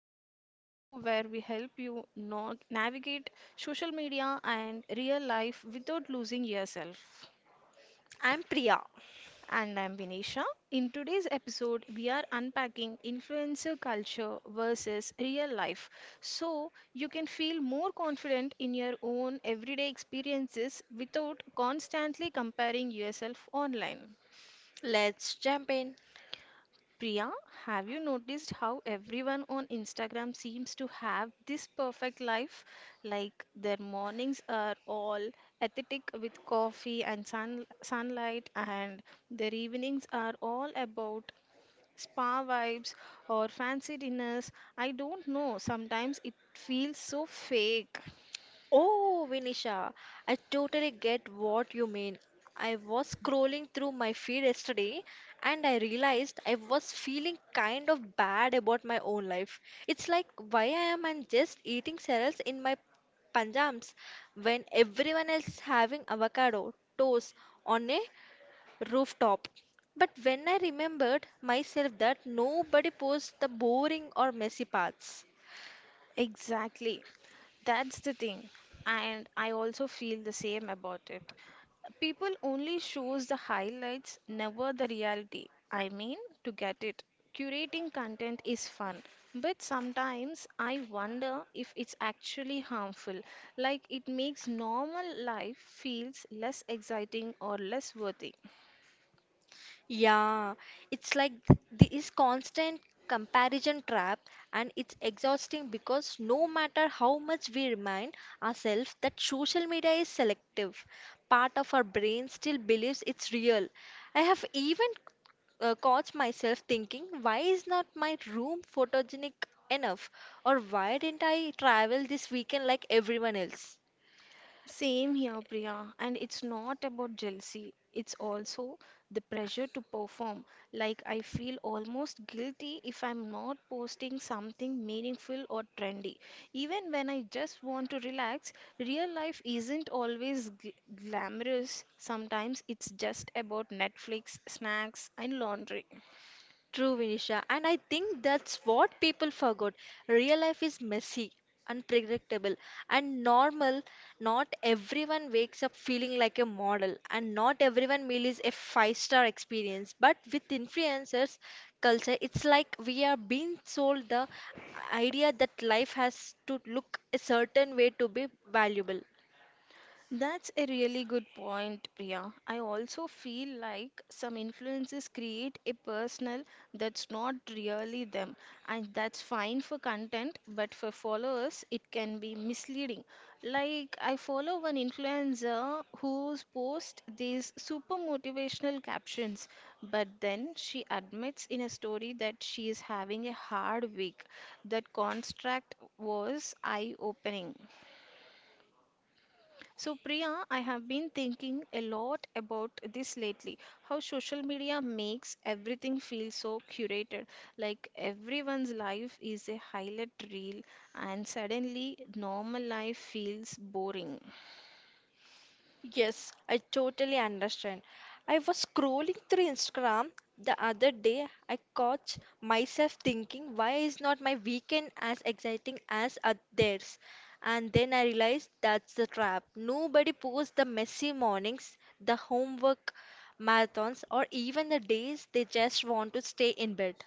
Life, the show where we help you navigate social media and real life without losing yourself. I'm Priya. And I'm Vinisha. In today's episode, we are unpacking influencer culture versus real life so you can feel more confident in your own everyday experiences without constantly comparing yourself online. Let's jump in. Priya, have you noticed how everyone on Instagram seems to have this perfect life? Like their mornings are all aesthetic with coffee and sunlight, and their evenings are all about spa vibes or fancy dinners. I don't know, sometimes it feels so fake. Oh, Vinisha, I totally get what you mean. I was scrolling through my feed yesterday and I realized I was feeling kind of bad about my own life. It's like why I am I just eating cereals in my panjams when everyone else is having avocado toast on a rooftop. But when I remembered myself that nobody posts the boring or messy parts. Exactly. That's the thing. And I also feel the same about it. People only shows the highlights, never the reality. I mean, to get it. Curating content is fun, but sometimes I wonder if it's actually harmful. Like it makes normal life feels less exciting or less worthy. Yeah, it's like this constant comparison trap, and it's exhausting because no matter how much we remind ourselves that social media is selective, part of our brain still believes it's real. I have even caught myself thinking, why is not my room photogenic enough? Or why didn't I travel this weekend like everyone else? Same here, Priya, and it's not about jealousy. It's also the pressure to perform. Like, I feel almost guilty if I'm not posting something meaningful or trendy. Even when I just want to relax, real life isn't always glamorous. Sometimes it's just about Netflix, snacks, and laundry. True, Vinisha, and I think that's what people forgot. Real life is messy, unpredictable, and normal. Not everyone wakes up feeling like a model, and not everyone meal is a five-star experience. But with influencers culture, it's like we are being sold the idea that life has to look a certain way to be valuable. That's a really good point, Priya. I also feel like some influences create a personal that's not really them, and that's fine for content, but for followers, it can be misleading. Like, I follow one influencer who's post these super motivational captions, but then she admits in a story that she is having a hard week. That construct was eye opening. So, Priya, I have been thinking a lot about this lately how social media makes everything feel so curated. Like everyone's life is a highlight reel, and suddenly, normal life feels boring. Yes, I totally understand. I was scrolling through Instagram the other day. I caught myself thinking, why is not my weekend as exciting as theirs? And then I realized that's the trap. Nobody posts the messy mornings, the homework marathons, or even the days they just want to stay in bed.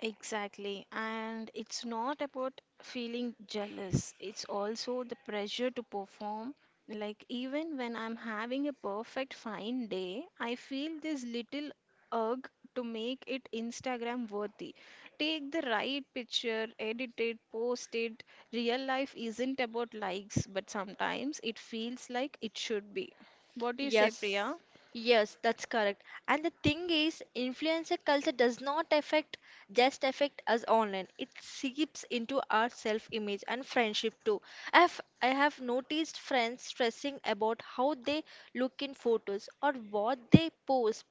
Exactly. And it's not about feeling jealous, it's also the pressure to perform. Like, even when I'm having a perfect fine day, I feel this little urge to make it Instagram worthy. Take the right picture, edit it, post it. Real life isn't about likes, but sometimes it feels like it should be. What do you say, Priya? Yes, yes, that's correct. And the thing is, influencer culture does not affect just affect us online. It seeps into our self-image and friendship too. I have noticed friends stressing about how they look in photos or what they post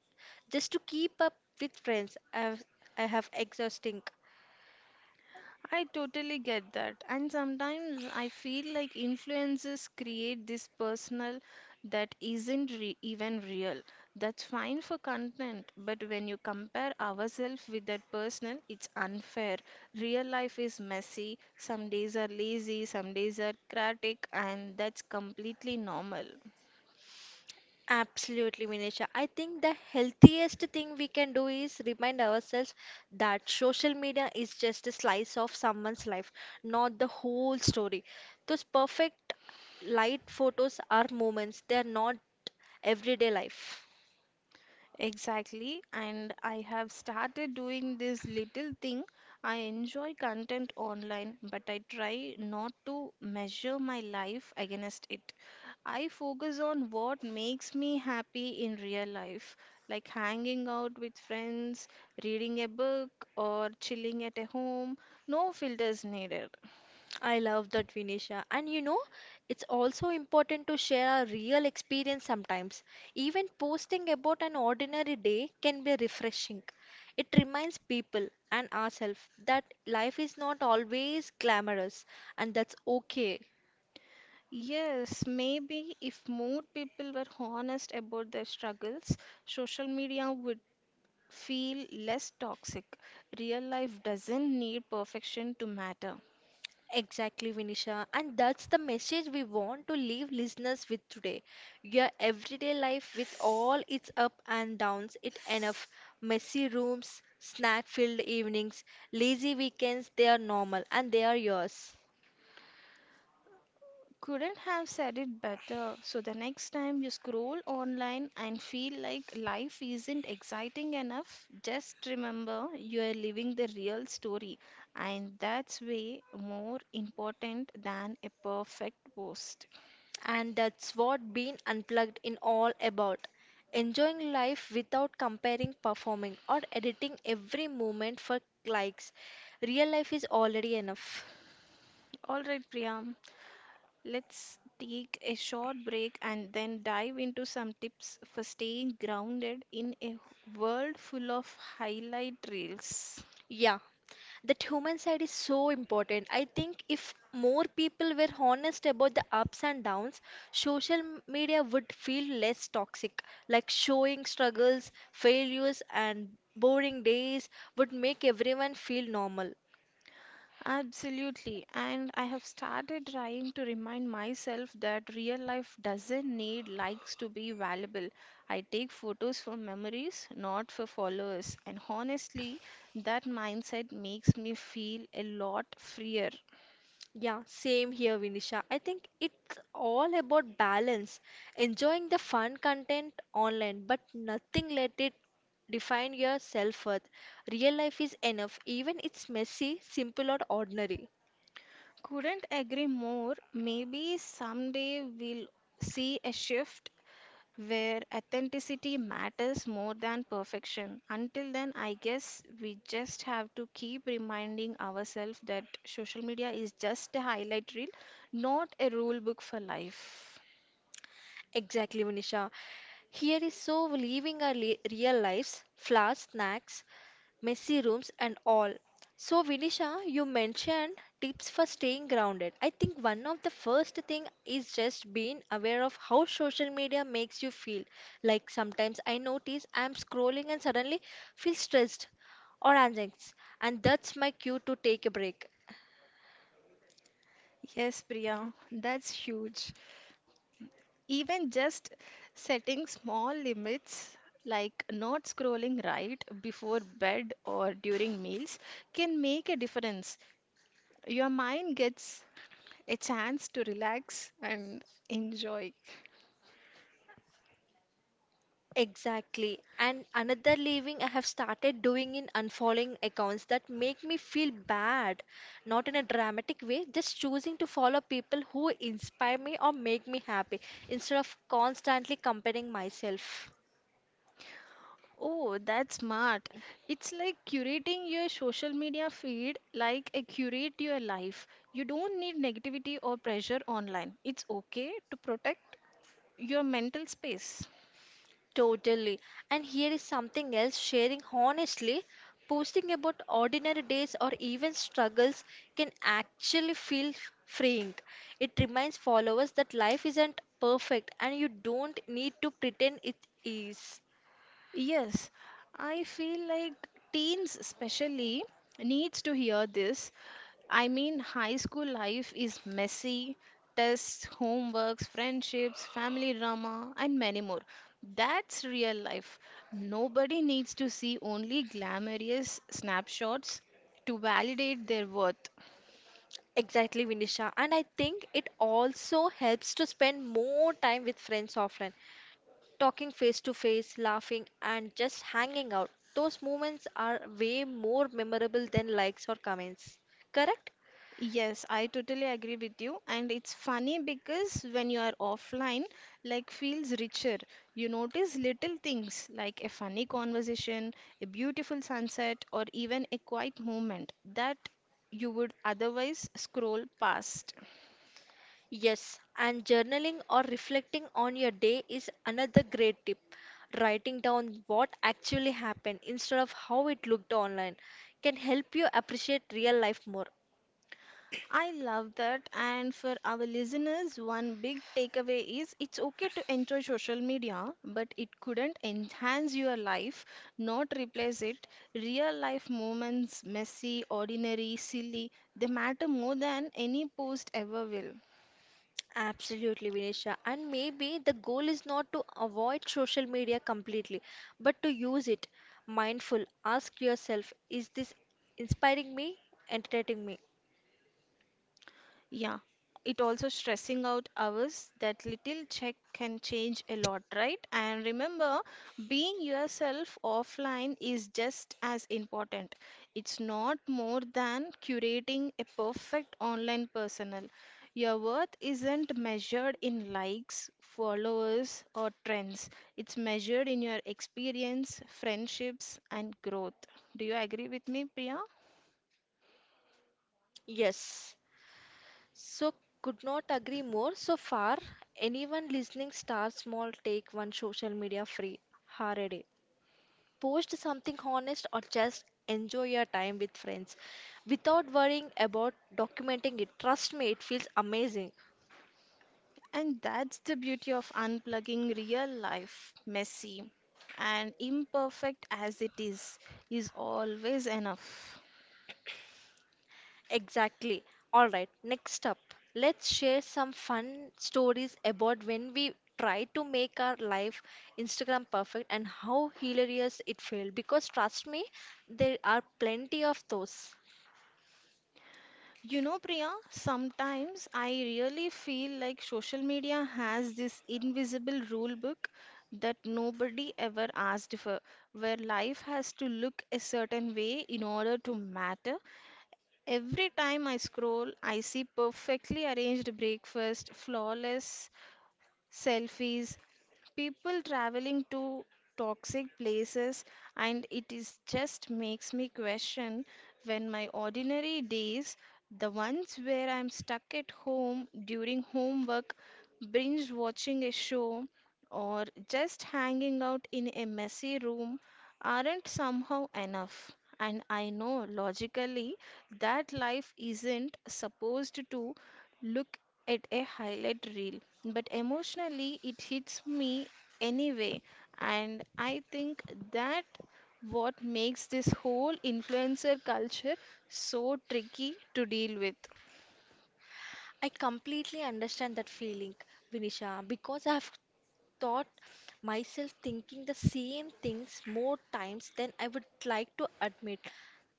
just to keep up with friends. I have exhausting. I totally get that. And sometimes I feel like influences create this personal that isn't even real. That's fine for content, but when you compare ourselves with that personal, it's unfair. Real life is messy. Some days are lazy, some days are chaotic, and that's completely normal. Absolutely, Minisha. I think the healthiest thing we can do is remind ourselves that social media is just a slice of someone's life, not the whole story. Those perfect light photos are moments, they are not everyday life. Exactly, and I have started doing this little thing. I enjoy content online, but I try not to measure my life against it. I focus on what makes me happy in real life, like hanging out with friends, reading a book, or chilling at a home. No filters needed. I love that, Vinisha. And you know, it's also important to share our real experience sometimes. Even posting about an ordinary day can be refreshing. It reminds people and ourselves that life is not always glamorous, and that's okay. Yes, maybe if more people were honest about their struggles, social media would feel less toxic. Real life doesn't need perfection to matter. Exactly, Vinisha. And that's the message we want to leave listeners with today. Your everyday life, with all its up and downs, it enough. Messy rooms, snack filled evenings, lazy weekends, they are normal and they are yours. Couldn't have said it better. So the next time you scroll online and feel like life isn't exciting enough, just remember you are living the real story, and that's way more important than a perfect post. And that's what being unplugged in all about. Enjoying life without comparing, performing, or editing every moment for likes. Real life is already enough. All right, Priya, let's take a short break and then dive into some tips for staying grounded in a world full of highlight reels. Yeah, that human side is so important. I think if more people were honest about the ups and downs, social media would feel less toxic. Like showing struggles, failures, and boring days would make everyone feel normal. Absolutely, and I have started trying to remind myself that real life doesn't need likes to be valuable. I take photos for memories, not for followers, and honestly, that mindset makes me feel a lot freer. Yeah, same here, Vinisha. I think it's all about balance, enjoying the fun content online, but nothing let it define your self-worth. Real life is enough, even it's messy, simple or ordinary. Couldn't agree more. Maybe someday we'll see a shift where authenticity matters more than perfection. Until then, I guess we just have to keep reminding ourselves that social media is just a highlight reel, not a rule book for life. Exactly, Vinisha. Here is so living our real lives, flowers, snacks, messy rooms, and all. So, Vinisha, you mentioned tips for staying grounded. I think one of the first thing is just being aware of how social media makes you feel. Like sometimes I notice I'm scrolling and suddenly feel stressed or anxious, and that's my cue to take a break. Yes, Priya, that's huge. Even just setting small limits like not scrolling right before bed or during meals can make a difference. Your mind gets a chance to relax and enjoy. Exactly. And another leaving I have started doing in unfollowing accounts that make me feel bad. Not in a dramatic way, just choosing to follow people who inspire me or make me happy instead of constantly comparing myself. Oh, that's smart. It's like curating your social media feed like a curate your life. You don't need negativity or pressure online. It's okay to protect your mental space. Totally. And here is something else sharing honestly, posting about ordinary days or even struggles can actually feel freeing. It reminds followers that life isn't perfect and you don't need to pretend it is. Yes, I feel like teens especially needs to hear this. I mean, high school life is messy, tests, homeworks, friendships, family drama, and many more. That's real life. Nobody needs to see only glamorous snapshots to validate their worth. Exactly, Vinisha. And I think it also helps to spend more time with friends offline, talking face to face, laughing, and just hanging out. Those moments are way more memorable than likes or comments. Correct? Yes, I totally agree with you. And it's funny because when you are offline, like feels richer. You notice little things like a funny conversation, a beautiful sunset, or even a quiet moment that you would otherwise scroll past. Yes, and journaling or reflecting on your day is another great tip. Writing down what actually happened instead of how it looked online can help you appreciate real life more. I love that. And for our listeners, one big takeaway is it's okay to enjoy social media, but it couldn't enhance your life, not replace it. Real life moments, messy, ordinary, silly, they matter more than any post ever will. Absolutely, Vinisha. And maybe the goal is not to avoid social media completely, but to use it mindful. Ask yourself, is this inspiring me, entertaining me? Yeah, it also stressing out hours that little check can change a lot, right? And remember, being yourself offline is just as important. It's not more than curating a perfect online personal. Your worth isn't measured in likes, followers, or trends. It's measured in your experience, friendships, and growth. Do you agree with me, Priya? Yes. So could not agree more. So far, anyone listening, start small, take one social media free hour a day. Post something honest or just enjoy your time with friends without worrying about documenting it. Trust me, it feels amazing. And that's the beauty of unplugging real life, messy and imperfect as it is always enough. Exactly. All right, next up, let's share some fun stories about when we tried to make our life Instagram perfect and how hilarious it felt. Because trust me, there are plenty of those. You know, Priya, sometimes I really feel like social media has this invisible rule book that nobody ever asked for, where life has to look a certain way in order to matter. Every time I scroll, I see perfectly arranged breakfast, flawless selfies, people traveling to toxic places, and it is just makes me question when my ordinary days, the ones where I'm stuck at home during homework, binge watching a show, or just hanging out in a messy room, aren't somehow enough. And I know logically that life isn't supposed to look at a highlight reel, but emotionally it hits me anyway, and I think that what makes this whole influencer culture so tricky to deal with. I completely understand that feeling, Vinisha, because I've thought myself thinking the same things more times than I would like to admit.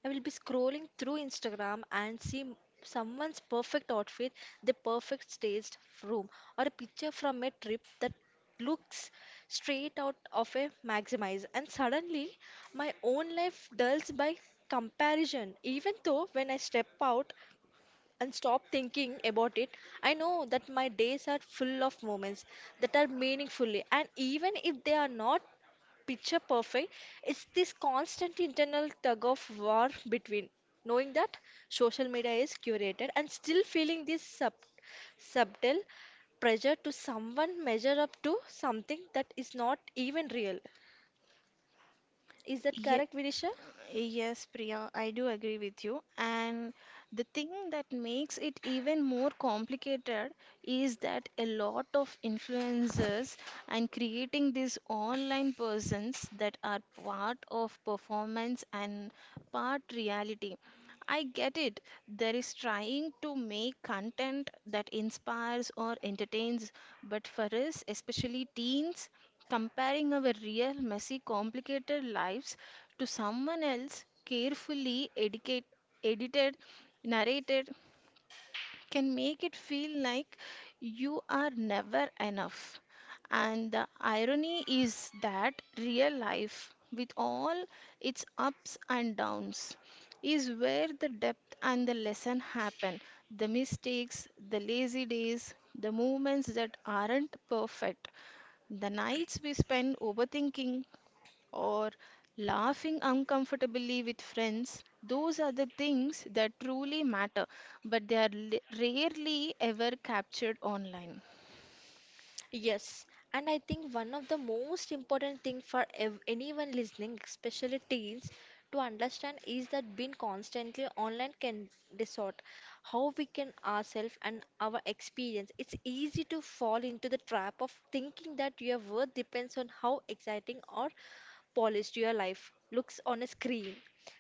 I will be scrolling through Instagram and see someone's perfect outfit, the perfect staged room, or a picture from a trip that looks straight out of a maximize and suddenly my own life dulls by comparison even though when I step out and stop thinking about it, I know that my days are full of moments that are meaningfully, and even if they are not picture perfect, it's this constant internal tug of war between knowing that social media is curated and still feeling this subtle pressure to someone measure up to something that is not even real. Is that correct, Vidisha? Yes, Priya, I do agree with you. And the thing that makes it even more complicated is that a lot of influencers and creating these online persons that are part of performance and part reality. I get it. There is trying to make content that inspires or entertains, but for us, especially teens, comparing our real, messy, complicated lives to someone else carefully edited, narrated can make it feel like you are never enough. And the irony is that real life, with all its ups and downs, is where the depth and the lesson happen. The mistakes, the lazy days, the moments that aren't perfect, the nights we spend overthinking, or laughing uncomfortably with friends. Those are the things that truly matter, but they are rarely ever captured online. Yes, and I think one of the most important thing for ev anyone listening, especially teens, to understand is that being constantly online can distort how we can ourselves and our experience. It's easy to fall into the trap of thinking that your worth depends on how exciting or polished your life looks on a screen.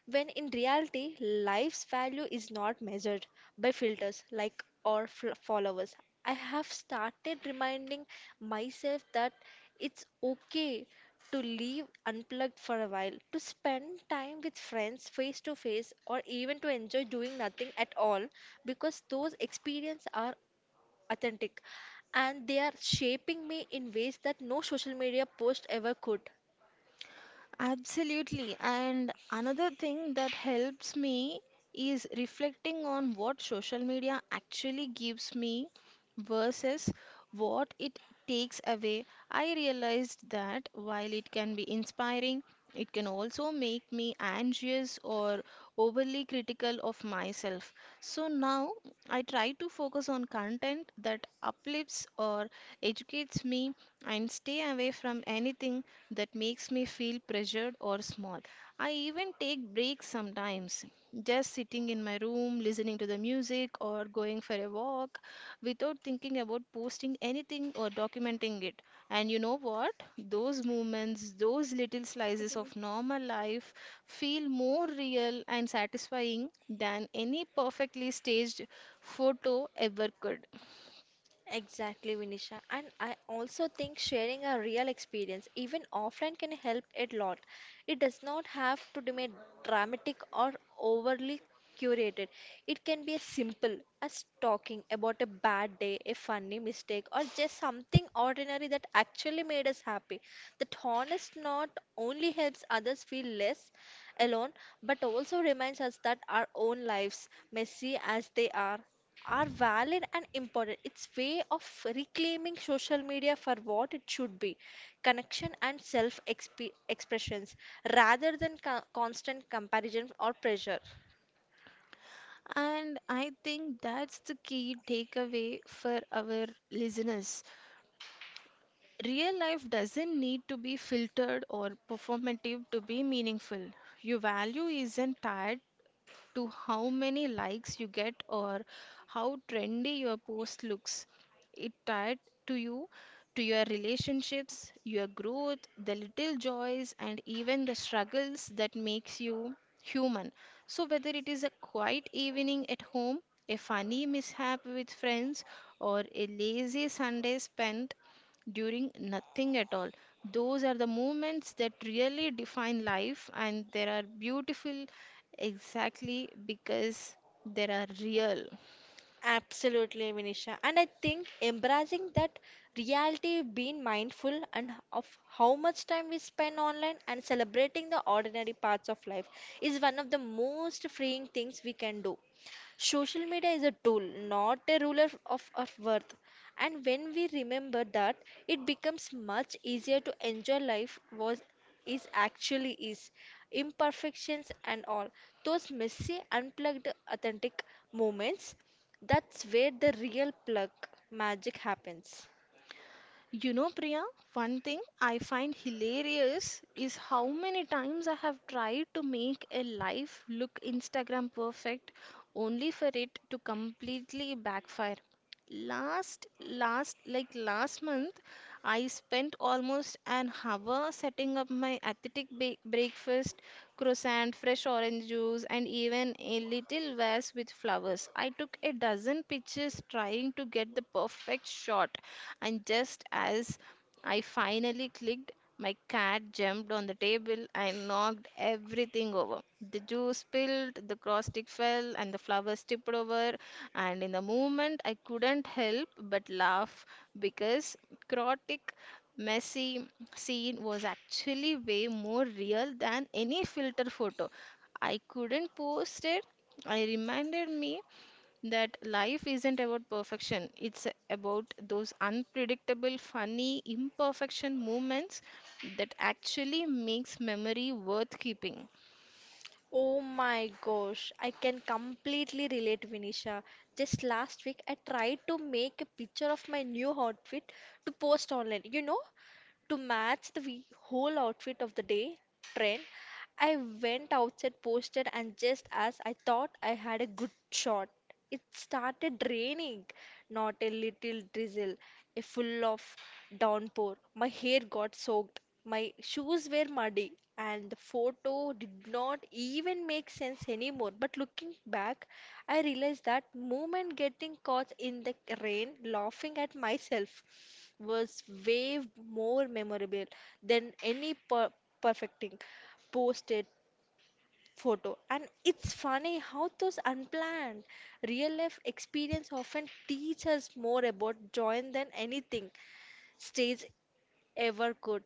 When in reality, life's value is not measured by filters like or followers. I have started reminding myself that it's okay to leave unplugged for a while, to spend time with friends face to face, or even to enjoy doing nothing at all because those experiences are authentic and they are shaping me in ways that no social media post ever could. Absolutely. And another thing that helps me is reflecting on what social media actually gives me versus what it takes away. I realized that while it can be inspiring, it can also make me anxious or overly critical of myself. So now I try to focus on content that uplifts or educates me and stay away from anything that makes me feel pressured or small. I even take breaks sometimes, just sitting in my room, listening to the music, or going for a walk without thinking about posting anything or documenting it. And you know what? Those moments, those little slices of normal life feel more real and satisfying than any perfectly staged photo ever could. Exactly, Vinisha. And I also think sharing a real experience, even offline, can help a lot. It does not have to be dramatic or overly curated. It can be as simple as talking about a bad day, a funny mistake, or just something ordinary that actually made us happy. That honest not only helps others feel less alone, but also reminds us that our own lives, messy as they are valid and important. It's way of reclaiming social media for what it should be, connection and expressions, rather than constant comparison or pressure. And I think that's the key takeaway for our listeners. Real life doesn't need to be filtered or performative to be meaningful. Your value isn't tied to how many likes you get or how trendy your post looks. It tied to you, to your relationships, your growth, the little joys, and even the struggles that makes you human. So whether it is a quiet evening at home, a funny mishap with friends, or a lazy Sunday spent during nothing at all. Those are the moments that really define life, and there are beautiful. Exactly, because they are real. Absolutely, Vinisha. And I think embracing that reality, being mindful and of how much time we spend online and celebrating the ordinary parts of life is one of the most freeing things we can do. Social media is a tool, not a ruler of our worth. And when we remember that, it becomes much easier to enjoy life was is actually is. Imperfections and all. Those messy, unplugged, authentic moments, that's where the real plug magic happens. You know, Priya, one thing I find hilarious is how many times I have tried to make a life look Instagram perfect only for it to completely backfire. Last, like last month, I spent almost an hour setting up my athletic breakfast, croissant, fresh orange juice, and even a little vase with flowers. I took a dozen pictures trying to get the perfect shot, and just as I finally clicked, my cat jumped on the table and knocked everything over. The juice spilled, the cross stick fell, and the flowers tipped over. And in the moment, I couldn't help but laugh because chaotic, messy scene was actually way more real than any filter photo. I couldn't post it. I reminded me that life isn't about perfection, it's about those unpredictable funny imperfection moments that actually makes memory worth keeping. Oh my gosh, I can completely relate, Vinisha. Just last week, I tried to make a picture of my new outfit to post online. You know, to match the whole outfit of the day trend, I went outside, posted, and just as I thought I had a good shot, it started raining. Not a little drizzle, a full of downpour. My hair got soaked, my shoes were muddy, and the photo did not even make sense anymore. But looking back, I realized that moment getting caught in the rain, laughing at myself, was way more memorable than any perfecting posted photo. And it's funny how those unplanned real life experience often teach us more about joy than anything stage ever could.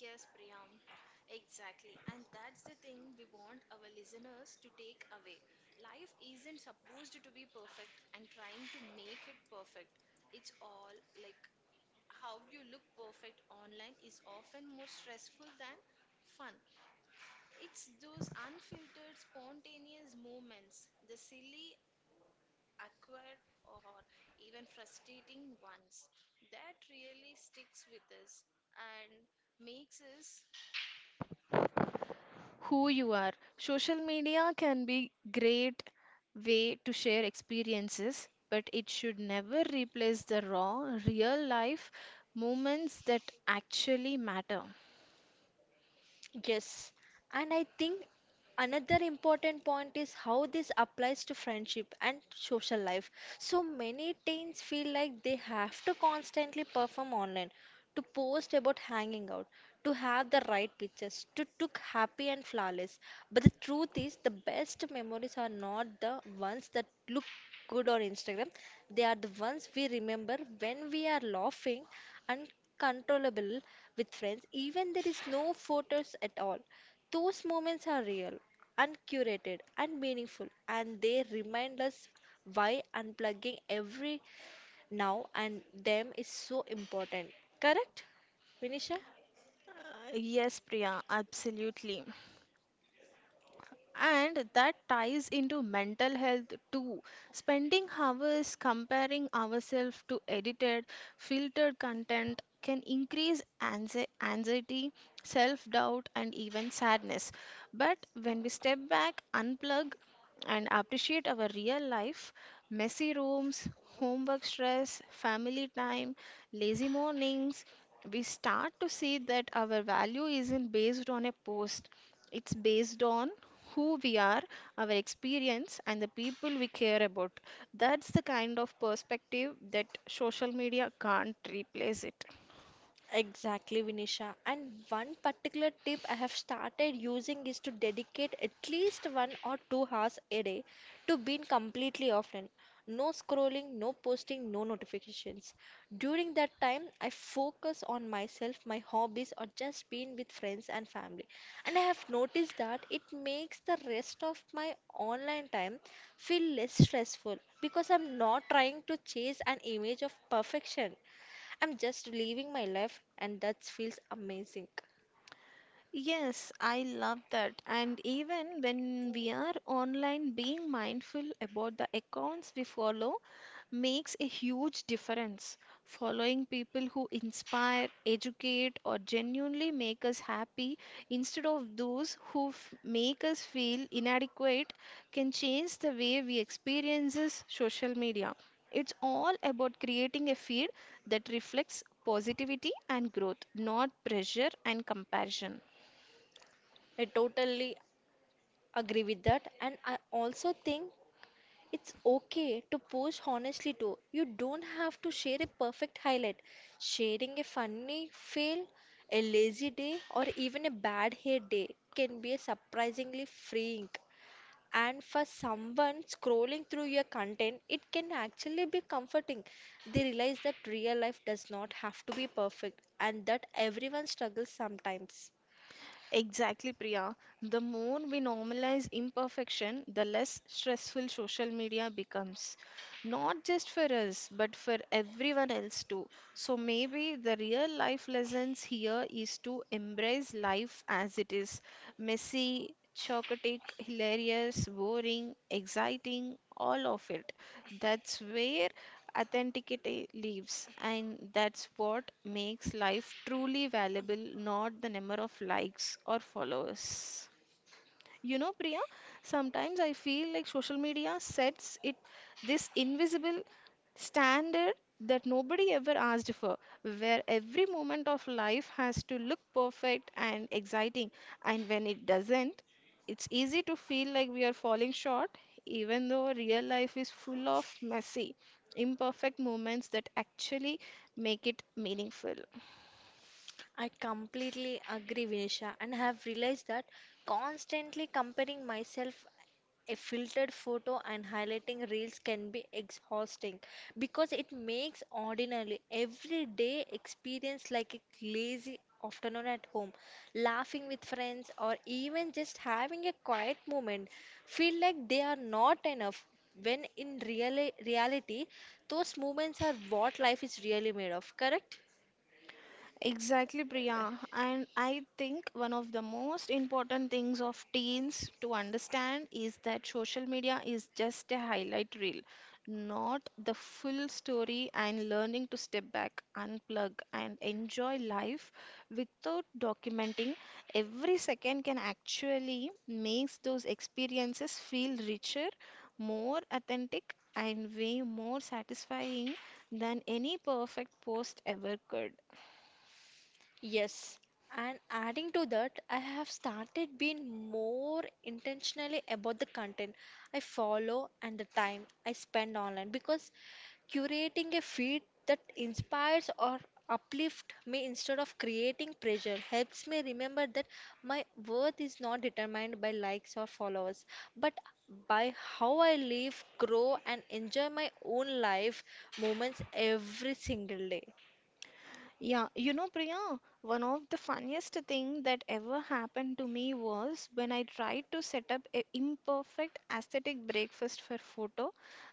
Yes, Priyam, exactly. And that's the thing we want our listeners to take away. Life isn't supposed to be perfect and trying to make it perfect. It's all like how you look perfect online is often more stressful than fun. It's those unfiltered, spontaneous moments, the silly, awkward, or even frustrating ones, that really sticks with us and makes us who you are. Social media can be great way to share experiences, but it should never replace the raw, real life moments that actually matter. Yes, and I think another important point is how this applies to friendship and social life. So many teens feel like they have to constantly perform online, to post about hanging out, to have the right pictures, to look happy and flawless. But the truth is, the best memories are not the ones that look good on Instagram. They are the ones we remember when we are laughing uncontrollable with friends, even there is no photos at all. Those moments are real, uncurated, and meaningful, and they remind us why unplugging every now and them is so important. Correct, Vinisha? Yes, Priya, absolutely. And that ties into mental health too. Spending hours comparing ourselves to edited, filtered content can increase anxiety, self doubt, and even sadness. But when we step back, unplug, and appreciate our real life messy rooms, homework stress, family time, lazy mornings we start to see that our value isn't based on a post it's based on who we are, our experience, and the people we care about. That's the kind of perspective that social media can't replace it. Exactly, Vinisha. And one particular tip I have started using is to dedicate at least 1 or 2 hours a day to being completely offline. No scrolling, no posting, no notifications. During that time, I focus on myself, my hobbies, or just being with friends and family. And I have noticed that it makes the rest of my online time feel less stressful because I'm not trying to chase an image of perfection. I'm just living my life, and that feels amazing. Yes, I love that. And even when we are online, being mindful about the accounts we follow makes a huge difference. Following people who inspire, educate, or genuinely make us happy instead of those who make us feel inadequate can change the way we experiences social media. It's all about creating a feed that reflects positivity and growth, not pressure and comparison. I totally agree with that, and I also think it's okay to post honestly too. You don't have to share a perfect highlight. Sharing a funny fail, a lazy day, or even a bad hair day can be surprisingly freeing. And for someone scrolling through your content, it can actually be comforting. They realize that real life does not have to be perfect and that everyone struggles sometimes. Exactly, Priya. The more we normalize imperfection, the less stressful social media becomes. Not just for us, but for everyone else too. So maybe the real life lessons here is to embrace life as it is messy, chaotic, hilarious, boring, exciting, all of it. That's where authenticity lives, and that's what makes life truly valuable, not the number of likes or followers. You know, Priya, sometimes I feel like social media sets it this invisible standard that nobody ever asked for, where every moment of life has to look perfect and exciting. And when it doesn't, it's easy to feel like we are falling short, even though real life is full of messy, imperfect moments that actually make it meaningful. I completely agree, Vinisha, and have realized that constantly comparing myself a filtered photo and highlighting reels can be exhausting, because it makes ordinary everyday experience like a lazy afternoon at home, laughing with friends, or even just having a quiet moment feel like they are not enough, when in reality those moments are what life is really made of. Correct? Exactly, Priya. And I think one of the most important things of teens to understand is that social media is just a highlight reel, not the full story, and learning to step back, unplug, and enjoy life without documenting every second can actually makes those experiences feel richer, more authentic, and way more satisfying than any perfect post ever could. Yes, and adding to that, I have started being more intentionally about the content I follow and the time I spend online, because curating a feed that inspires or uplifts me instead of creating pressure helps me remember that my worth is not determined by likes or followers, but by how I live, grow, and enjoy my own life moments every single day. Yeah, you know, Priya, one of the funniest thing that ever happened to me was when I tried to set up a imperfect aesthetic breakfast for photo,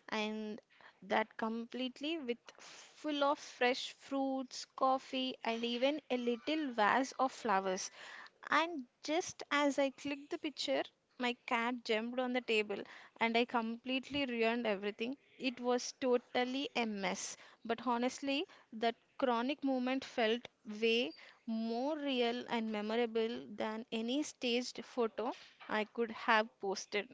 and that completely with full of fresh fruits, coffee, and even a little vase of flowers. And just as I clicked the picture, my cat jumped on the table and I completely ruined everything. It was totally a mess. But honestly, that chronic moment felt way more real and memorable than any staged photo I could have posted.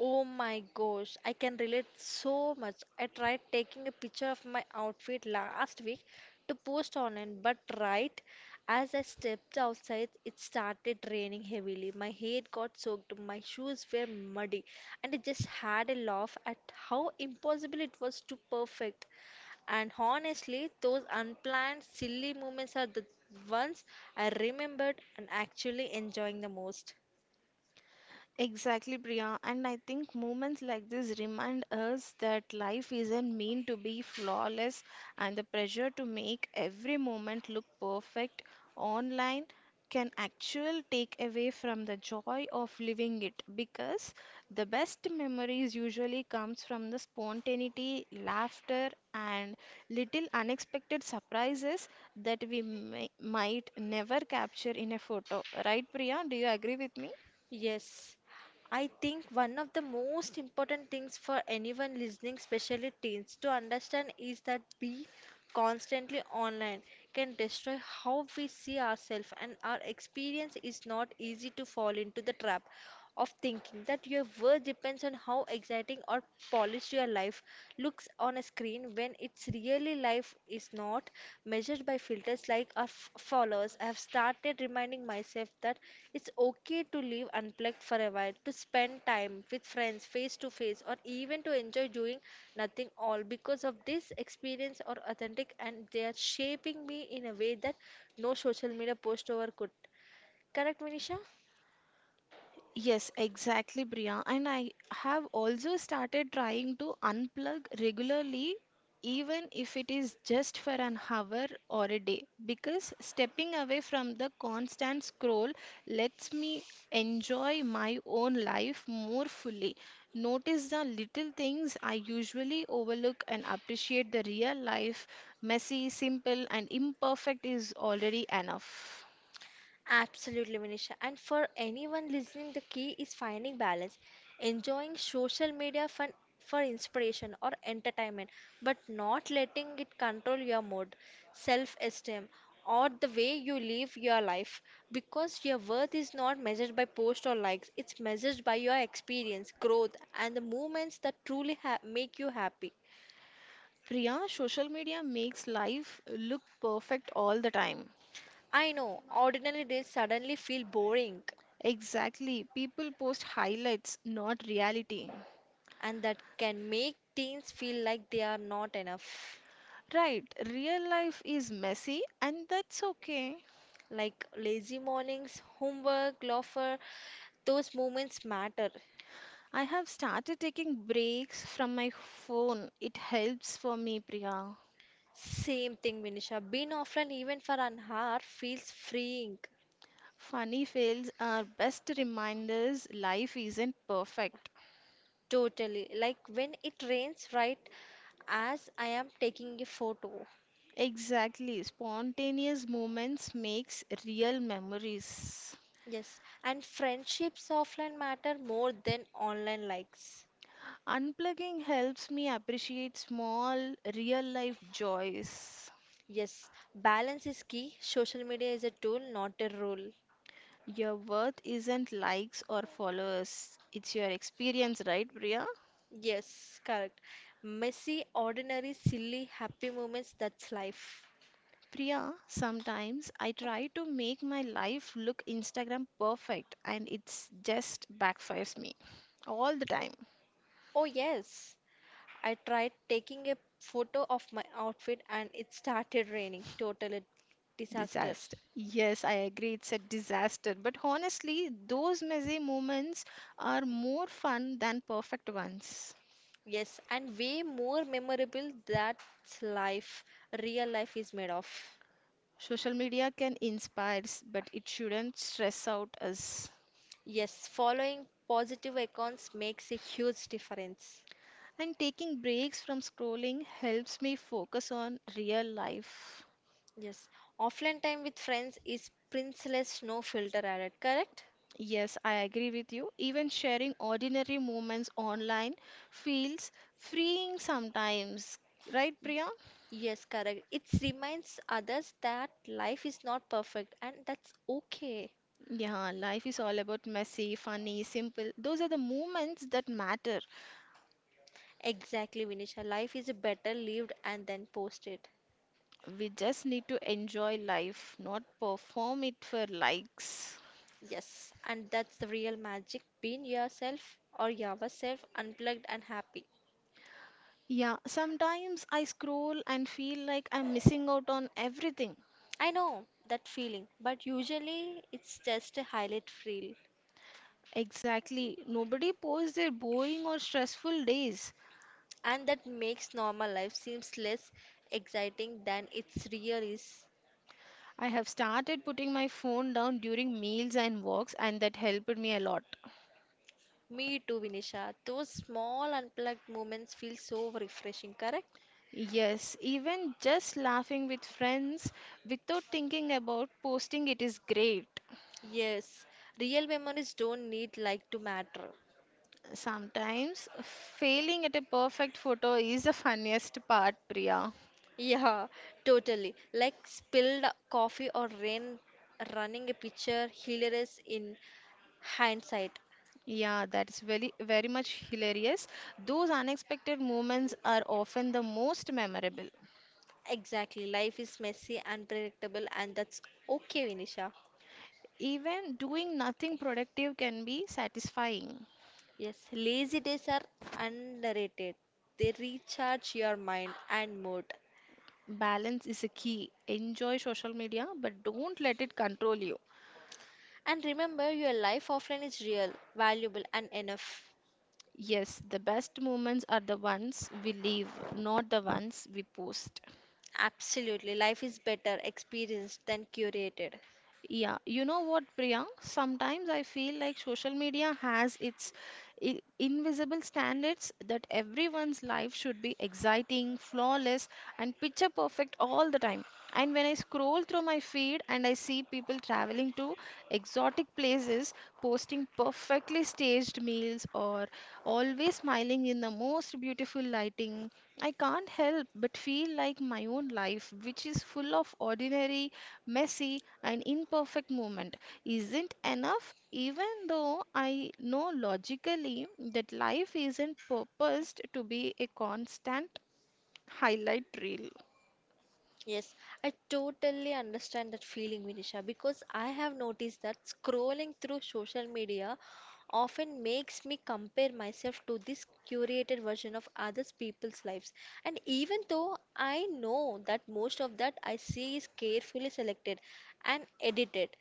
Oh my gosh, I can relate so much. I tried taking a picture of my outfit last week to post online, but right as I stepped outside, it started raining heavily. My hair got soaked, my shoes were muddy, and I just had a laugh at how impossible it was to perfect. And honestly, those unplanned, silly moments are the ones I remembered and actually enjoying the most. Exactly, Priya. And I think moments like this remind us that life isn't meant to be flawless, and the pressure to make every moment look perfect online can actually take away from the joy of living it because the best memories usually comes from the spontaneity, laughter, and little unexpected surprises that we might never capture in a photo. Right, Priya? Do you agree with me? Yes, I think one of the most important things for anyone listening, especially teens, to understand is that be constantly online can destroy how we see ourselves and our experience is not easy to fall into the trap of thinking that your worth depends on how exciting or polished your life looks on a screen, when it's really life is not measured by filters like our followers. I have started reminding myself that it's okay to live unplugged for a while, to spend time with friends face to face, or even to enjoy doing nothing all, because of this experience are authentic and they are shaping me in a way that no social media post over could. Correct, Manisha? Yes, exactly, Priya. And I have also started trying to unplug regularly, even if it is just for an hour or a day, because stepping away from the constant scroll lets me enjoy my own life more fully. Notice the little things I usually overlook and appreciate the real life, messy, simple, and imperfect is already enough. Absolutely, Manisha. And for anyone listening, the key is finding balance, enjoying social media fun for inspiration or entertainment, but not letting it control your mood, self-esteem, or the way you live your life. Because your worth is not measured by posts or likes, it's measured by your experience, growth, and the moments that truly ha make you happy. Priya, social media makes life look perfect all the time. I know ordinary days suddenly feel boring, Exactly. People post highlights, not reality. and that can make teens feel like they are not enough. Right. Real life is messy, and that's okay. Like lazy mornings, homework, laughter, those moments matter. I have started taking breaks from my phone. It helps for me, Priya. Same thing, Vinisha. Being offline even for an hour feels freeing. Funny fails are best reminders life isn't perfect. Totally. Like when it rains, right? As I am taking a photo. Exactly. Spontaneous moments makes real memories. Yes. And friendships offline matter more than online likes. Unplugging helps me appreciate small, real life joys. Yes. Balance is key. Social media is a tool, not a rule. Your worth isn't likes or followers, it's your experience, right, Priya? Yes, correct. Messy, ordinary, silly, happy moments, that's life. Priya, sometimes I try to make my life look Instagram perfect and it's just backfires me all the time. Oh, yes. I tried taking a photo of my outfit and it started raining. Total disaster. Disaster. Yes, I agree, it's a disaster. But honestly, those messy moments are more fun than perfect ones. Yes, and way more memorable. That's life. Real life is made of. Social media can inspire, but it shouldn't stress out us. Yes, following positive accounts makes a huge difference. And taking breaks from scrolling helps me focus on real life. Yes, offline time with friends is priceless, no filter added, correct? Yes, I agree with you. Even sharing ordinary moments online feels freeing sometimes. Right, Priya? Yes, correct. It reminds others that life is not perfect and that's okay. Yeah, life is all about messy, funny, simple. Those are the moments that matter. Exactly, Vinisha. Life is better lived and then posted. We just need to enjoy life, not perform it for likes. Yes, and that's the real magic, being yourself or yourself unplugged and happy. Yeah, sometimes I scroll and feel like I'm missing out on everything. I know that feeling, but usually it's just a highlight reel. Exactly. Nobody posts their boring or stressful days. And that makes normal life seems less exciting than its real is. I have started putting my phone down during meals and walks, and that helped me a lot. Me too, Vinisha. Those small unplugged moments feel so refreshing, correct? Yes, even just laughing with friends without thinking about posting it is great. Yes, real memories don't need like to matter. Sometimes failing at a perfect photo is the funniest part, Priya. Yeah, totally. Like spilled coffee or rain running a picture, hilarious in hindsight. Yeah, that's very very much hilarious. Those unexpected moments are often the most memorable. Exactly. Life is messy, unpredictable, and that's okay, Vinisha. Even doing nothing productive can be satisfying. Yes, lazy days are underrated. They recharge your mind and mood. Balance is a key. Enjoy social media, but don't let it control you. And remember, your life offline is real, valuable, and enough. Yes, the best moments are the ones we leave, not the ones we post. Absolutely. Life is better experienced than curated. Yeah, you know what, Priya? Sometimes I feel like social media has its invisible standards that everyone's life should be exciting, flawless, and picture perfect all the time. And when I scroll through my feed and I see people traveling to exotic places, posting perfectly staged meals, or always smiling in the most beautiful lighting, I can't help but feel like my own life, which is full of ordinary, messy, an imperfect moment isn't enough, even though I know logically that life isn't purposed to be a constant highlight reel. Yes, I totally understand that feeling, Vinisha, because I have noticed that scrolling through social media often makes me compare myself to this curated version of others people's lives. And even though I know that most of that I see is carefully selected and edited,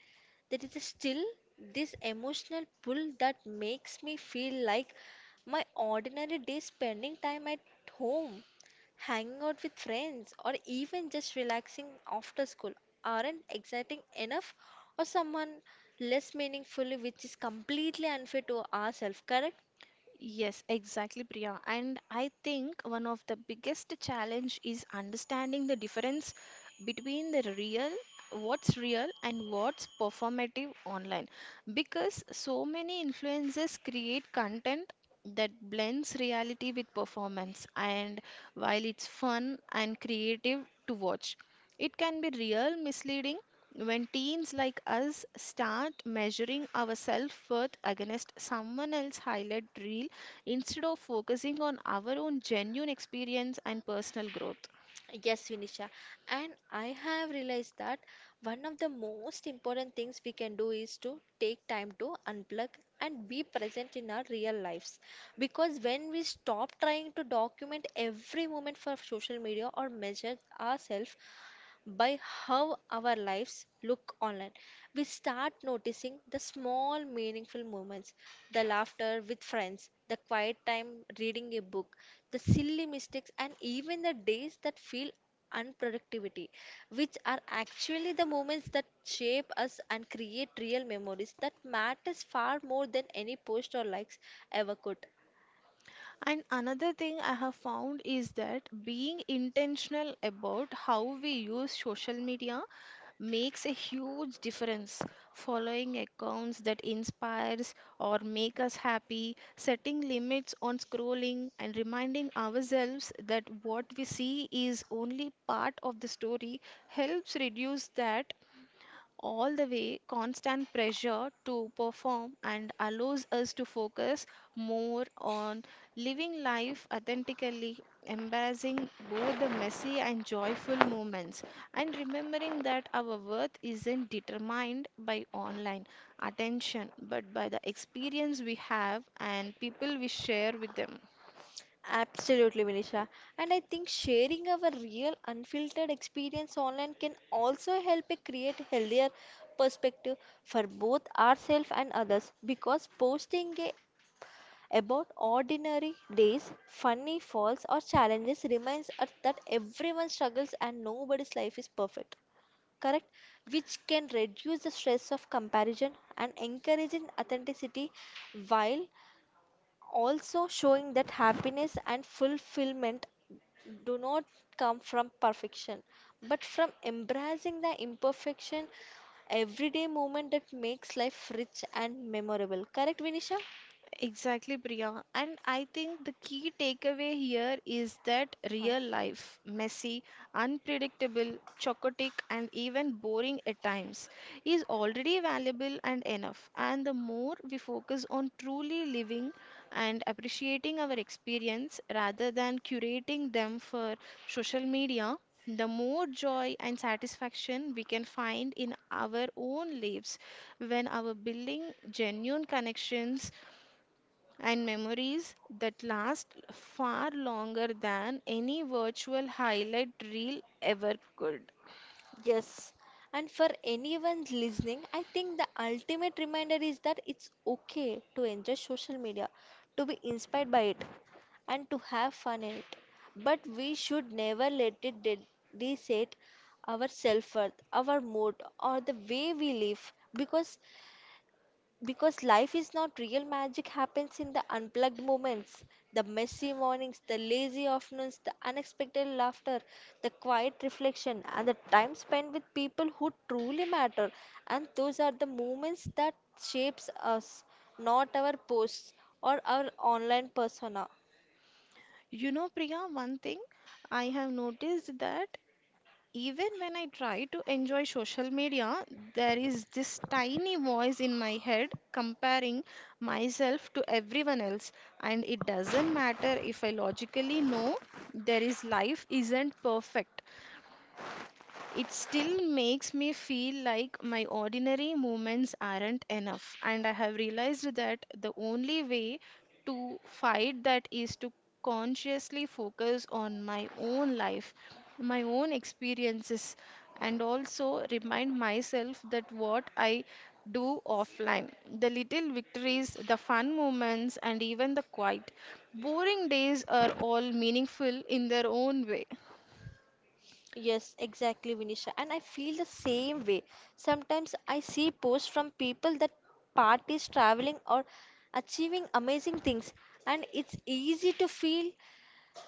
there is still this emotional pull that makes me feel like my ordinary day spending time at home, hanging out with friends, or even just relaxing after school aren't exciting enough or someone less meaningful, which is completely unfair to ourselves. Correct? Yes, exactly, Priya. And I think one of the biggest challenge is understanding the difference between what's real and what's performative online. Because so many influencers create content that blends reality with performance, and while it's fun and creative to watch, it can be real misleading when teens like us start measuring our self worth against someone else's highlight reel instead of focusing on our own genuine experience and personal growth. Yes, Vinisha. And I have realized that one of the most important things we can do is to take time to unplug and be present in our real lives, because when we stop trying to document every moment for social media or measure ourselves by how our lives look online, we start noticing the small, meaningful moments, the laughter with friends, the quiet time reading a book, the silly mistakes, and even the days that feel unproductivity, which are actually the moments that shape us and create real memories that matters far more than any post or likes ever could. And another thing I have found is that being intentional about how we use social media makes a huge difference. Following accounts that inspires or make us happy, setting limits on scrolling and reminding ourselves that what we see is only part of the story helps reduce that all the way constant pressure to perform and allows us to focus more on living life authentically, embracing both the messy and joyful moments, and remembering that our worth isn't determined by online attention but by the experience we have and people we share with them. Absolutely, Vinisha. And I think sharing our real unfiltered experience online can also help it create healthier perspective for both ourselves and others, because posting about ordinary days, funny falls or challenges reminds us that everyone struggles and nobody's life is perfect. Correct? Which can reduce the stress of comparison and encouraging authenticity, while also showing that happiness and fulfillment do not come from perfection but from embracing the imperfection everyday moment that makes life rich and memorable. Correct, Vinisha? Exactly, Priya. And I think the key takeaway here is that Hmm. real life, messy, unpredictable, chocotic, and even boring at times, is already valuable and enough. And the more we focus on truly living and appreciating our experience rather than curating them for social media, the more joy and satisfaction we can find in our own lives when our building genuine connections and memories that last far longer than any virtual highlight reel ever could. Yes, and for anyone listening, I think the ultimate reminder is that it's okay to enjoy social media, to be inspired by it, and to have fun in it. But we should never let it reset our self-worth, our mood, or the way we live, because life is not real magic happens in the unplugged moments, the messy mornings, the lazy afternoons, the unexpected laughter, the quiet reflection, and the time spent with people who truly matter. And those are the moments that shapes us, not our posts or our online persona. You know, Priya, one thing I have noticed that even when I try to enjoy social media, there is this tiny voice in my head comparing myself to everyone else. And it doesn't matter if I logically know there is life isn't perfect. It still makes me feel like my ordinary moments aren't enough, and I have realized that the only way to fight that is to consciously focus on my own life, my own experiences, and also remind myself that what I do offline, the little victories, the fun moments, and even the quiet, boring days are all meaningful in their own way. Yes, exactly, Vinisha. And I feel the same way. Sometimes I see posts from people that parties traveling or achieving amazing things, and it's easy to feel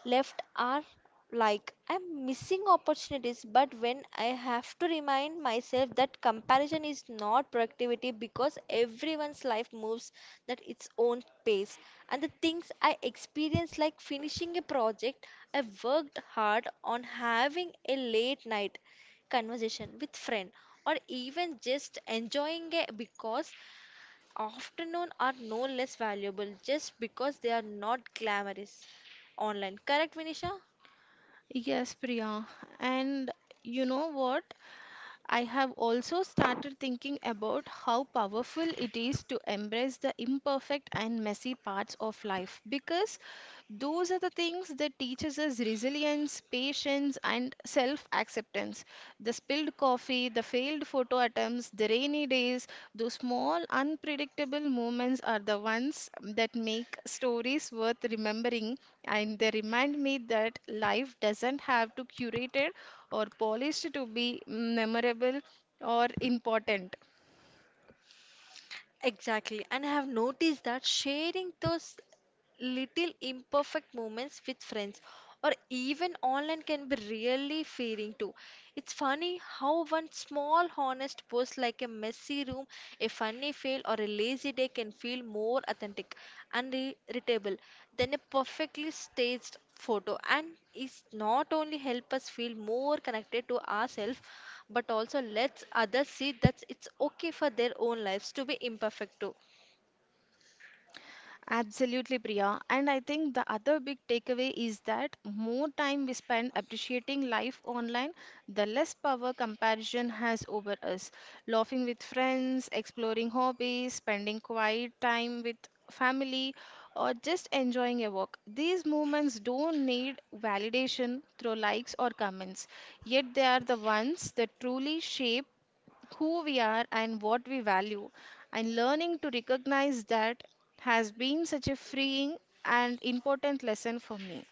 left are like I'm missing opportunities. But when I have to remind myself that comparison is not productivity, because everyone's life moves at its own pace, and the things I experience, like finishing a project I worked hard on, having a late night conversation with friend, or even just enjoying it because afternoon are no less valuable just because they are not glamorous online. Correct, Vinisha? Yes, Priya. And you know what? I have also started thinking about how powerful it is to embrace the imperfect and messy parts of life because those are the things that teaches us resilience, patience and self-acceptance. The spilled coffee, the failed photo attempts, the rainy days, those small unpredictable moments are the ones that make stories worth remembering and they remind me that life doesn't have to curate or polished to be memorable or important. Exactly. And I have noticed that sharing those little imperfect moments with friends or even online can be really feeling too. It's funny how one small honest post like a messy room, a funny fail, or a lazy day can feel more authentic and readable than a perfectly staged photo, and is not only help us feel more connected to ourselves but also lets others see that it's okay for their own lives to be imperfect too. Absolutely, Priya. And I think the other big takeaway is that more time we spend appreciating life online, the less power comparison has over us. Laughing with friends, exploring hobbies, spending quiet time with family, or just enjoying a walk. These moments don't need validation through likes or comments, yet they are the ones that truly shape who we are and what we value. And learning to recognize that has been such a freeing and important lesson for me.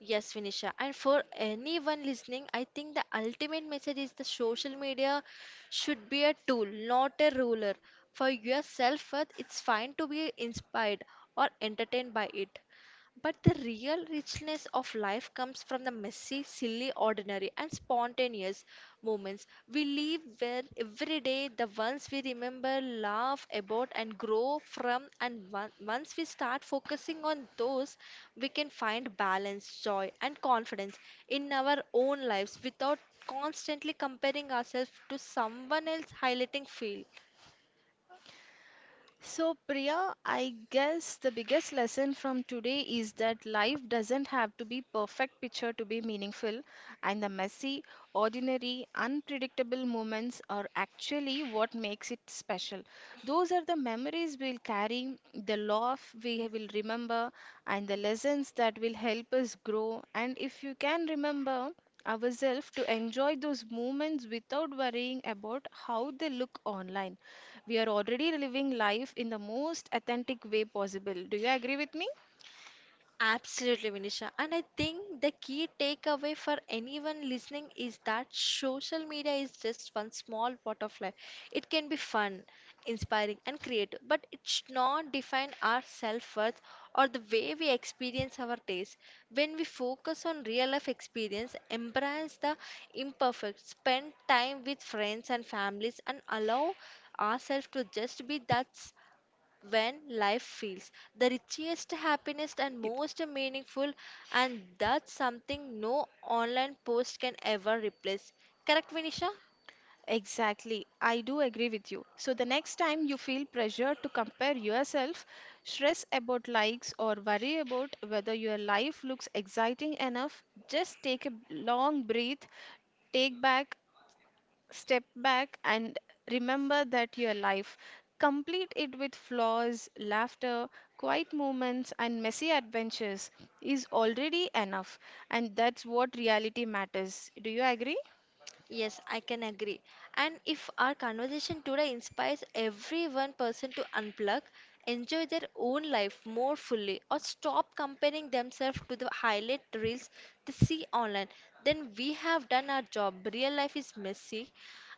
Yes, Vinisha. And for anyone listening, I think the ultimate message is the social media should be a tool, not a ruler. For your self worth, it's fine to be inspired or entertained by it. But the real richness of life comes from the messy, silly, ordinary, and spontaneous moments we live, where every day the ones we remember, laugh about, and grow from. And once we start focusing on those, we can find balance, joy, and confidence in our own lives without constantly comparing ourselves to someone else highlighting field. So, Priya, I guess the biggest lesson from today is that life doesn't have to be perfect picture to be meaningful, and the messy, ordinary, unpredictable moments are actually what makes it special. Those are the memories we'll carry, the love we will remember, and the lessons that will help us grow. And if you can remember ourselves to enjoy those moments without worrying about how they look online, we are already living life in the most authentic way possible. Do you agree with me? Absolutely, Vinisha. And I think the key takeaway for anyone listening is that social media is just one small part of life. It can be fun, inspiring, and creative, but it should not define our self worth or the way we experience our days. When we focus on real life experience, embrace the imperfect, spend time with friends and families, and allow ourselves to just be. That's when life feels the richest, happiest, and It- most meaningful, and that's something no online post can ever replace. Correct, Vinisha? Exactly. I do agree with you. So the next time you feel pressure to compare yourself, stress about likes, or worry about whether your life looks exciting enough, just take a long breath, take back step back and remember that your life complete it with flaws, laughter, quiet moments, and messy adventures is already enough, and that's what reality matters. Do you agree? Yes, I can agree. And if our conversation today inspires every one person to unplug, enjoy their own life more fully, or stop comparing themselves to the highlight reels they see online, then we have done our job. Real life is messy,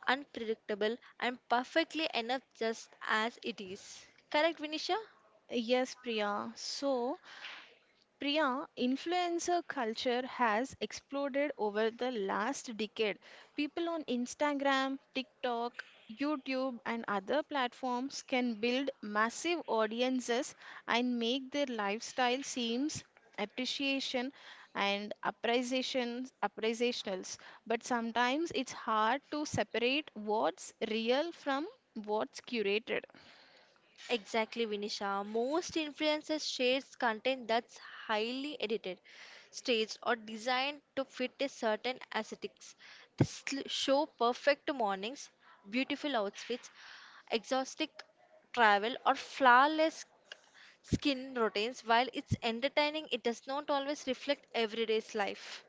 unpredictable, and perfectly enough just as it is. Correct, Vinisha? Yes, Priya. So Priya, influencer culture has exploded over the last decade. People on Instagram, TikTok, YouTube, and other platforms can build massive audiences and make their lifestyle seems appreciation and appreciations appreciationals, but sometimes it's hard to separate what's real from what's curated. Exactly, Vinisha. Most influencers shares content that's highly edited, staged, or designed to fit a certain aesthetics. Show perfect mornings, beautiful outfits, exhaustive travel, or flawless skin routines. While it's entertaining, it does not always reflect everyday's life.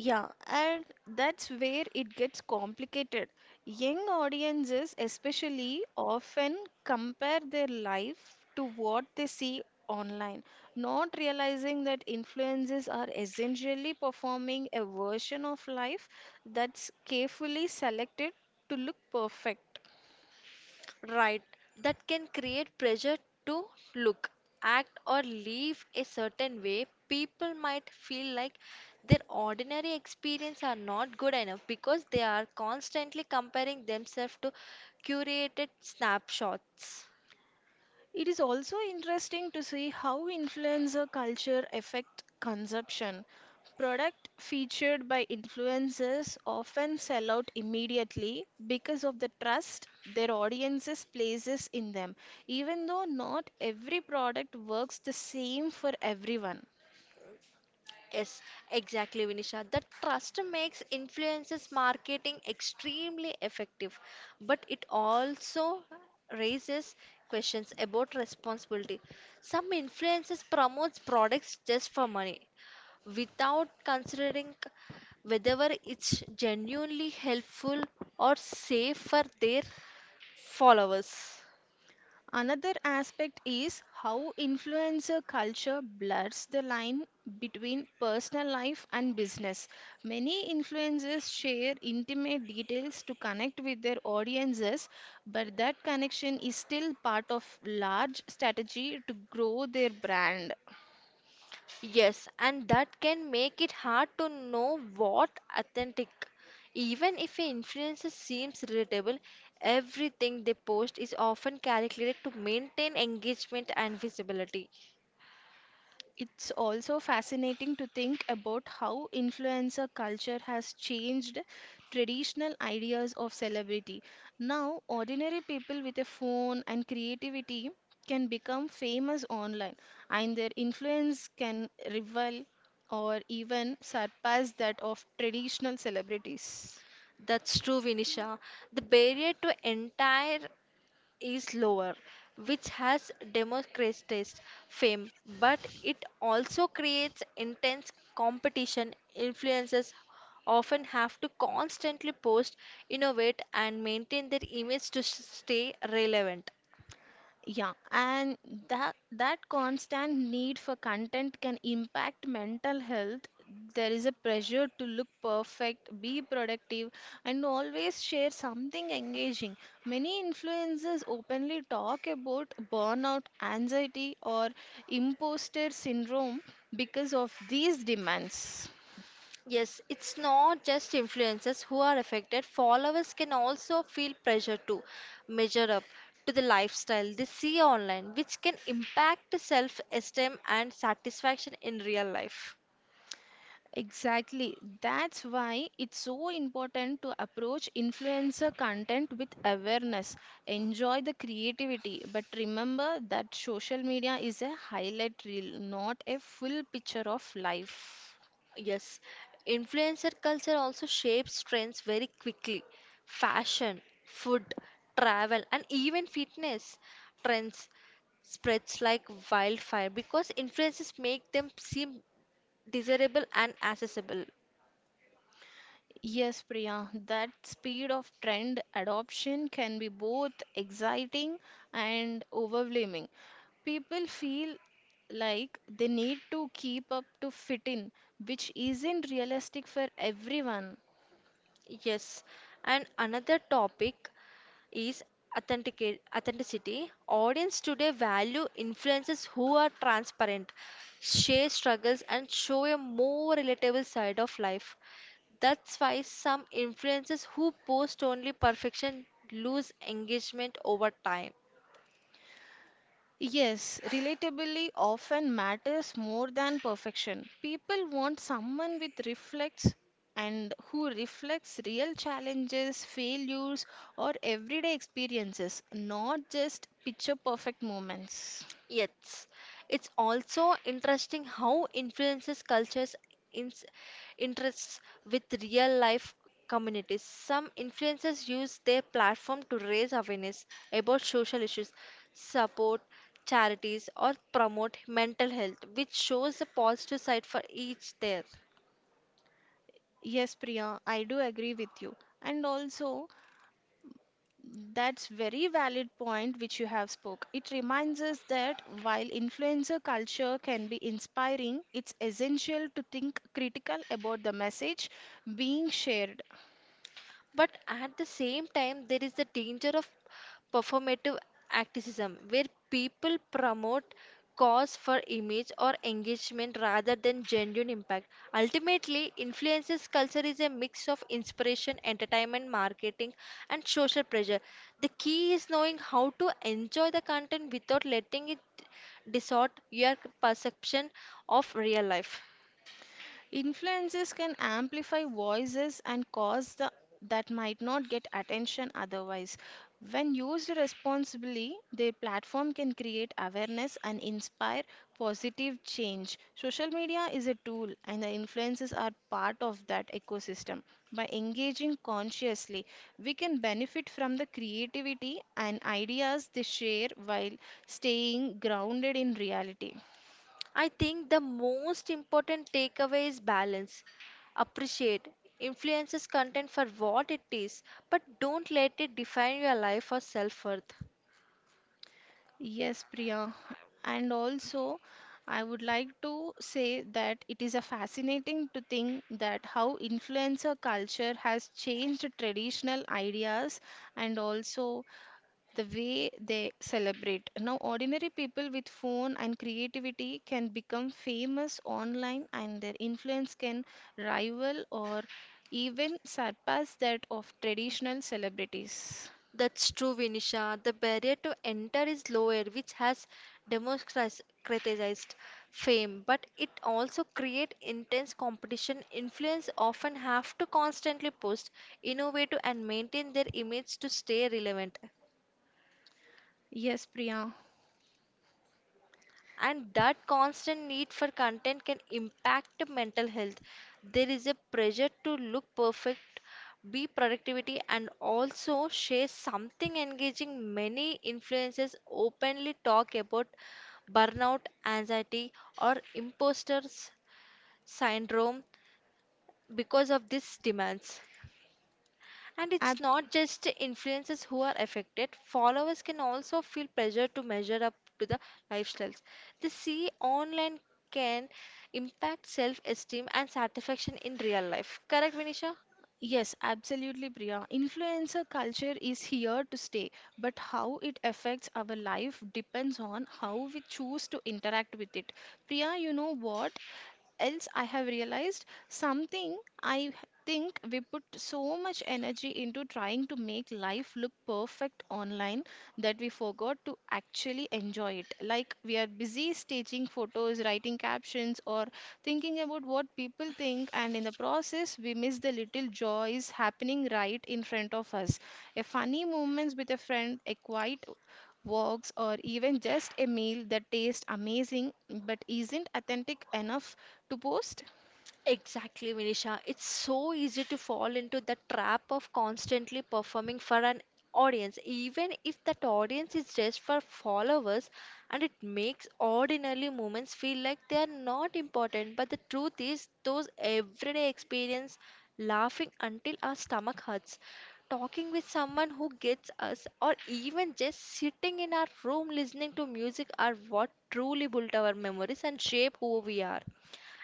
Yeah, and that's where it gets complicated. Young audiences, especially, often compare their life to what they see online, not realizing that influencers are essentially performing a version of life that's carefully selected to look perfect. Right, that can create pressure to look, act, or live a certain way. People might feel like their ordinary experience are not good enough because they are constantly comparing themselves to curated snapshots. It is also interesting to see how influencer culture affect consumption. Product featured by influencers often sell out immediately because of the trust their audiences places in them, even though not every product works the same for everyone. Yes, exactly, Vinisha. The trust makes influences marketing extremely effective, but it also raises questions about responsibility. Some influences promotes products just for money without considering whether it's genuinely helpful or safe for their followers. Another aspect is how influencer culture blurs the line between personal life and business. Many influencers share intimate details to connect with their audiences, but that connection is still part of large strategy to grow their brand. Yes, and that can make it hard to know what authentic. Even if an influencer seems relatable, everything they post is often calculated to maintain engagement and visibility. It's also fascinating to think about how influencer culture has changed traditional ideas of celebrity. Now, ordinary people with a phone and creativity can become famous online, and their influence can rival or even surpass that of traditional celebrities. That's true, Vinisha. The barrier to entire is lower, which has democratized fame, but it also creates intense competition. Influencers often have to constantly post, innovate, and maintain their image to stay relevant. Yeah, and that constant need for content can impact mental health. There is a pressure to look perfect, be productive, and always share something engaging. Many influencers openly talk about burnout, anxiety, or imposter syndrome because of these demands. Yes, it's not just influencers who are affected. Followers can also feel pressure to measure up to the lifestyle they see online, which can impact self esteem and satisfaction in real life. Exactly. That's why it's so important to approach influencer content with awareness. Enjoy the creativity, but remember that social media is a highlight reel, not a full picture of life. Yes, influencer culture also shapes trends very quickly. Fashion, food, travel, and even fitness trends spreads like wildfire because influences make them seem desirable and accessible. Yes, Priya, that speed of trend adoption can be both exciting and overwhelming. People feel like they need to keep up to fit in, which isn't realistic for everyone. Yes, and another topic is authenticity. Audience today value influencers who are transparent, share struggles, and show a more relatable side of life. That's why some influencers who post only perfection lose engagement over time. Yes, relatability often matters more than perfection. People want someone with reflects and who reflects real challenges, failures, or everyday experiences, not just picture perfect moments. Yes, it's also interesting how influences cultures ins interests with real life communities. Some influencers use their platform to raise awareness about social issues, support charities, or promote mental health, which shows the positive side for each there. Yes, Priya, I do agree with you. And also, that's very valid point which you have spoke. It reminds us that while influencer culture can be inspiring, it's essential to think critical about the message being shared. But at the same time, there is the danger of performative activism, where people promote cause for image or engagement rather than genuine impact. Ultimately, influences culture is a mix of inspiration, entertainment, marketing, and social pressure. The key is knowing how to enjoy the content without letting it distort your perception of real life. Influences can amplify voices and cause the, that might not get attention otherwise. When used responsibly, their platform can create awareness and inspire positive change. Social media is a tool, and the influences are part of that ecosystem. By engaging consciously, we can benefit from the creativity and ideas they share while staying grounded in reality. I think the most important takeaway is balance. Appreciate influences content for what it is, but don't let it define your life or self worth. Yes, Priya. And also, I would like to say that it is a fascinating to think that how influencer culture has changed traditional ideas and also the way they celebrate. Now, ordinary people with phone and creativity can become famous online and their influence can rival or even surpass that of traditional celebrities. That's true, Vinisha. The barrier to enter is lower, which has democratized fame, but it also creates intense competition. Influence often have to constantly post, innovate, and maintain their image to stay relevant. Yes, Priya. And that constant need for content can impact mental health. There is a pressure to look perfect, be productivity, and also share something engaging. Many influencers openly talk about burnout, anxiety, or imposter syndrome because of these demands. And it's not just influencers who are affected, followers can also feel pressure to measure up to the lifestyles. They see online, can impact self esteem and satisfaction in real life. Correct, Vinisha? Yes, absolutely, Priya. Influencer culture is here to stay, but how it affects our life depends on how we choose to interact with it. Priya, you know what else I have realized something? I h- think we put so much energy into trying to make life look perfect online that we forgot to actually enjoy it. Like, we are busy staging photos, writing captions, or thinking about what people think, and in the process, we miss the little joys happening right in front of us. A funny moments with a friend, a quiet walks, or even just a meal that tastes amazing but isn't authentic enough to post? Exactly, Vinisha. It's so easy to fall into the trap of constantly performing for an audience, even if that audience is just for followers, and it makes ordinary moments feel like they are not important. But the truth is, those everyday experience, laughing until our stomach hurts, talking with someone who gets us, or even just sitting in our room listening to music are what truly built our memories and shape who we are,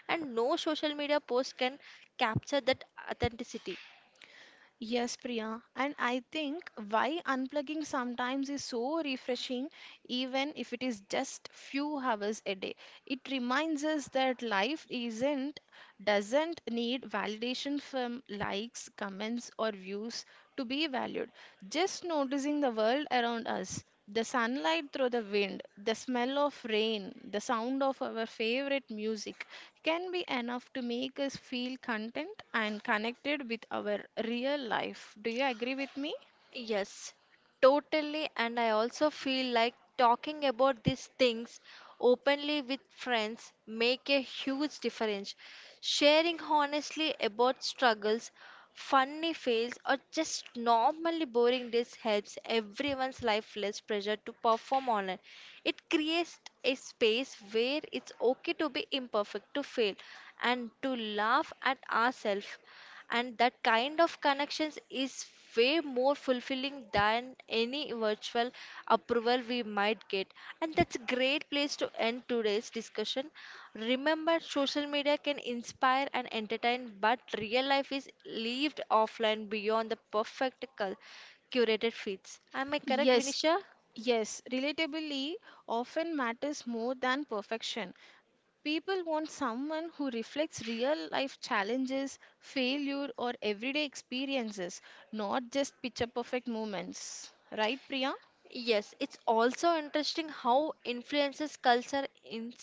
and no social media post can capture that authenticity. Yes, Priya. And I think why unplugging sometimes is so refreshing, even if it is just few hours a day. It reminds us that life isn't doesn't need validation from likes, comments, or views to be valued. Just noticing the world around us. The sunlight through the wind, the smell of rain, the sound of our favorite music, can be enough to make us feel content and connected with our real life. Do you agree with me? Yes, totally. And I also feel like talking about these things openly with friends make a huge difference. Sharing honestly about struggles, funny fails, or just normally boring days helps everyone's life less pressure to perform online. It creates a space where it's okay to be imperfect, to fail, and to laugh at ourselves, and that kind of connections is way more fulfilling than any virtual approval we might get. And that's a great place to end today's discussion. Remember, social media can inspire and entertain, but real life is lived offline beyond the perfect curated feeds. Am I correct, Yes, Vinisha? yes, relatability often matters more than perfection. People want someone who reflects real life challenges, failure, or everyday experiences, not just picture perfect moments. Right, Priya? Yes, it's also interesting how influences culture in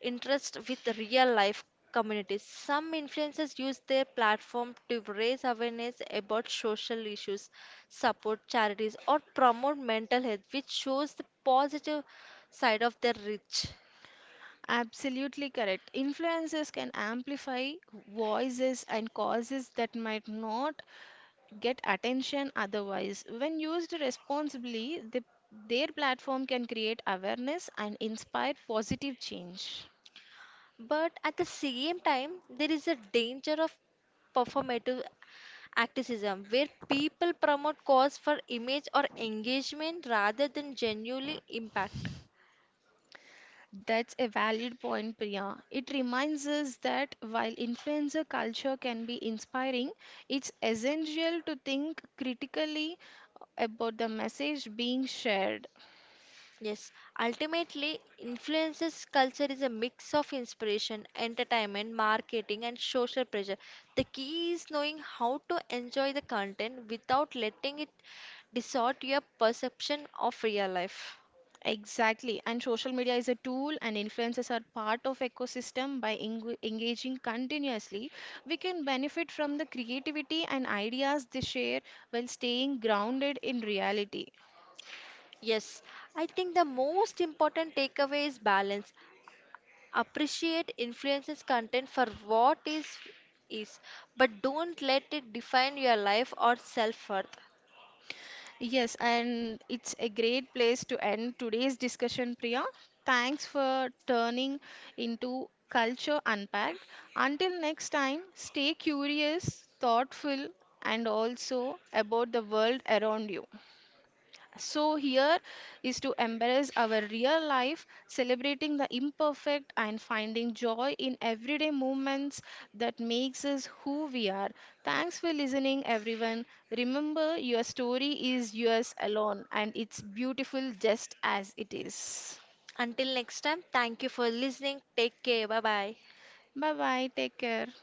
interest with real life communities. Some influencers use their platform to raise awareness about social issues, support charities, or promote mental health, which shows the positive side of their reach. Absolutely correct. Influencers can amplify voices and causes that might not get attention otherwise. When used responsibly, the, their platform can create awareness and inspire positive change. But at the same time, there is a danger of performative activism where people promote cause for image or engagement rather than genuinely impact. That's a valid point, Priya. It reminds us that while influencer culture can be inspiring, it's essential to think critically about the message being shared. Yes, ultimately, influences culture is a mix of inspiration, entertainment, marketing, and social pressure. The key is knowing how to enjoy the content without letting it distort your perception of real life. Exactly. And social media is a tool, and influencers are part of ecosystem. By engaging continuously, we can benefit from the creativity and ideas they share while staying grounded in reality. Yes, I think the most important takeaway is balance. Appreciate influences content for what is, but don't let it define your life or self-worth. Yes, and it's a great place to end today's discussion, Priya. Thanks for turning into Culture Unpacked. Until next time, stay curious, thoughtful, and also about the world around you. So, here is to embrace our real life, celebrating the imperfect and finding joy in everyday moments that makes us who we are. Thanks for listening, everyone. Remember, your story is yours alone, and it's beautiful just as it is. Until next time, thank you for listening. Take care. Bye bye. Bye bye. Take care.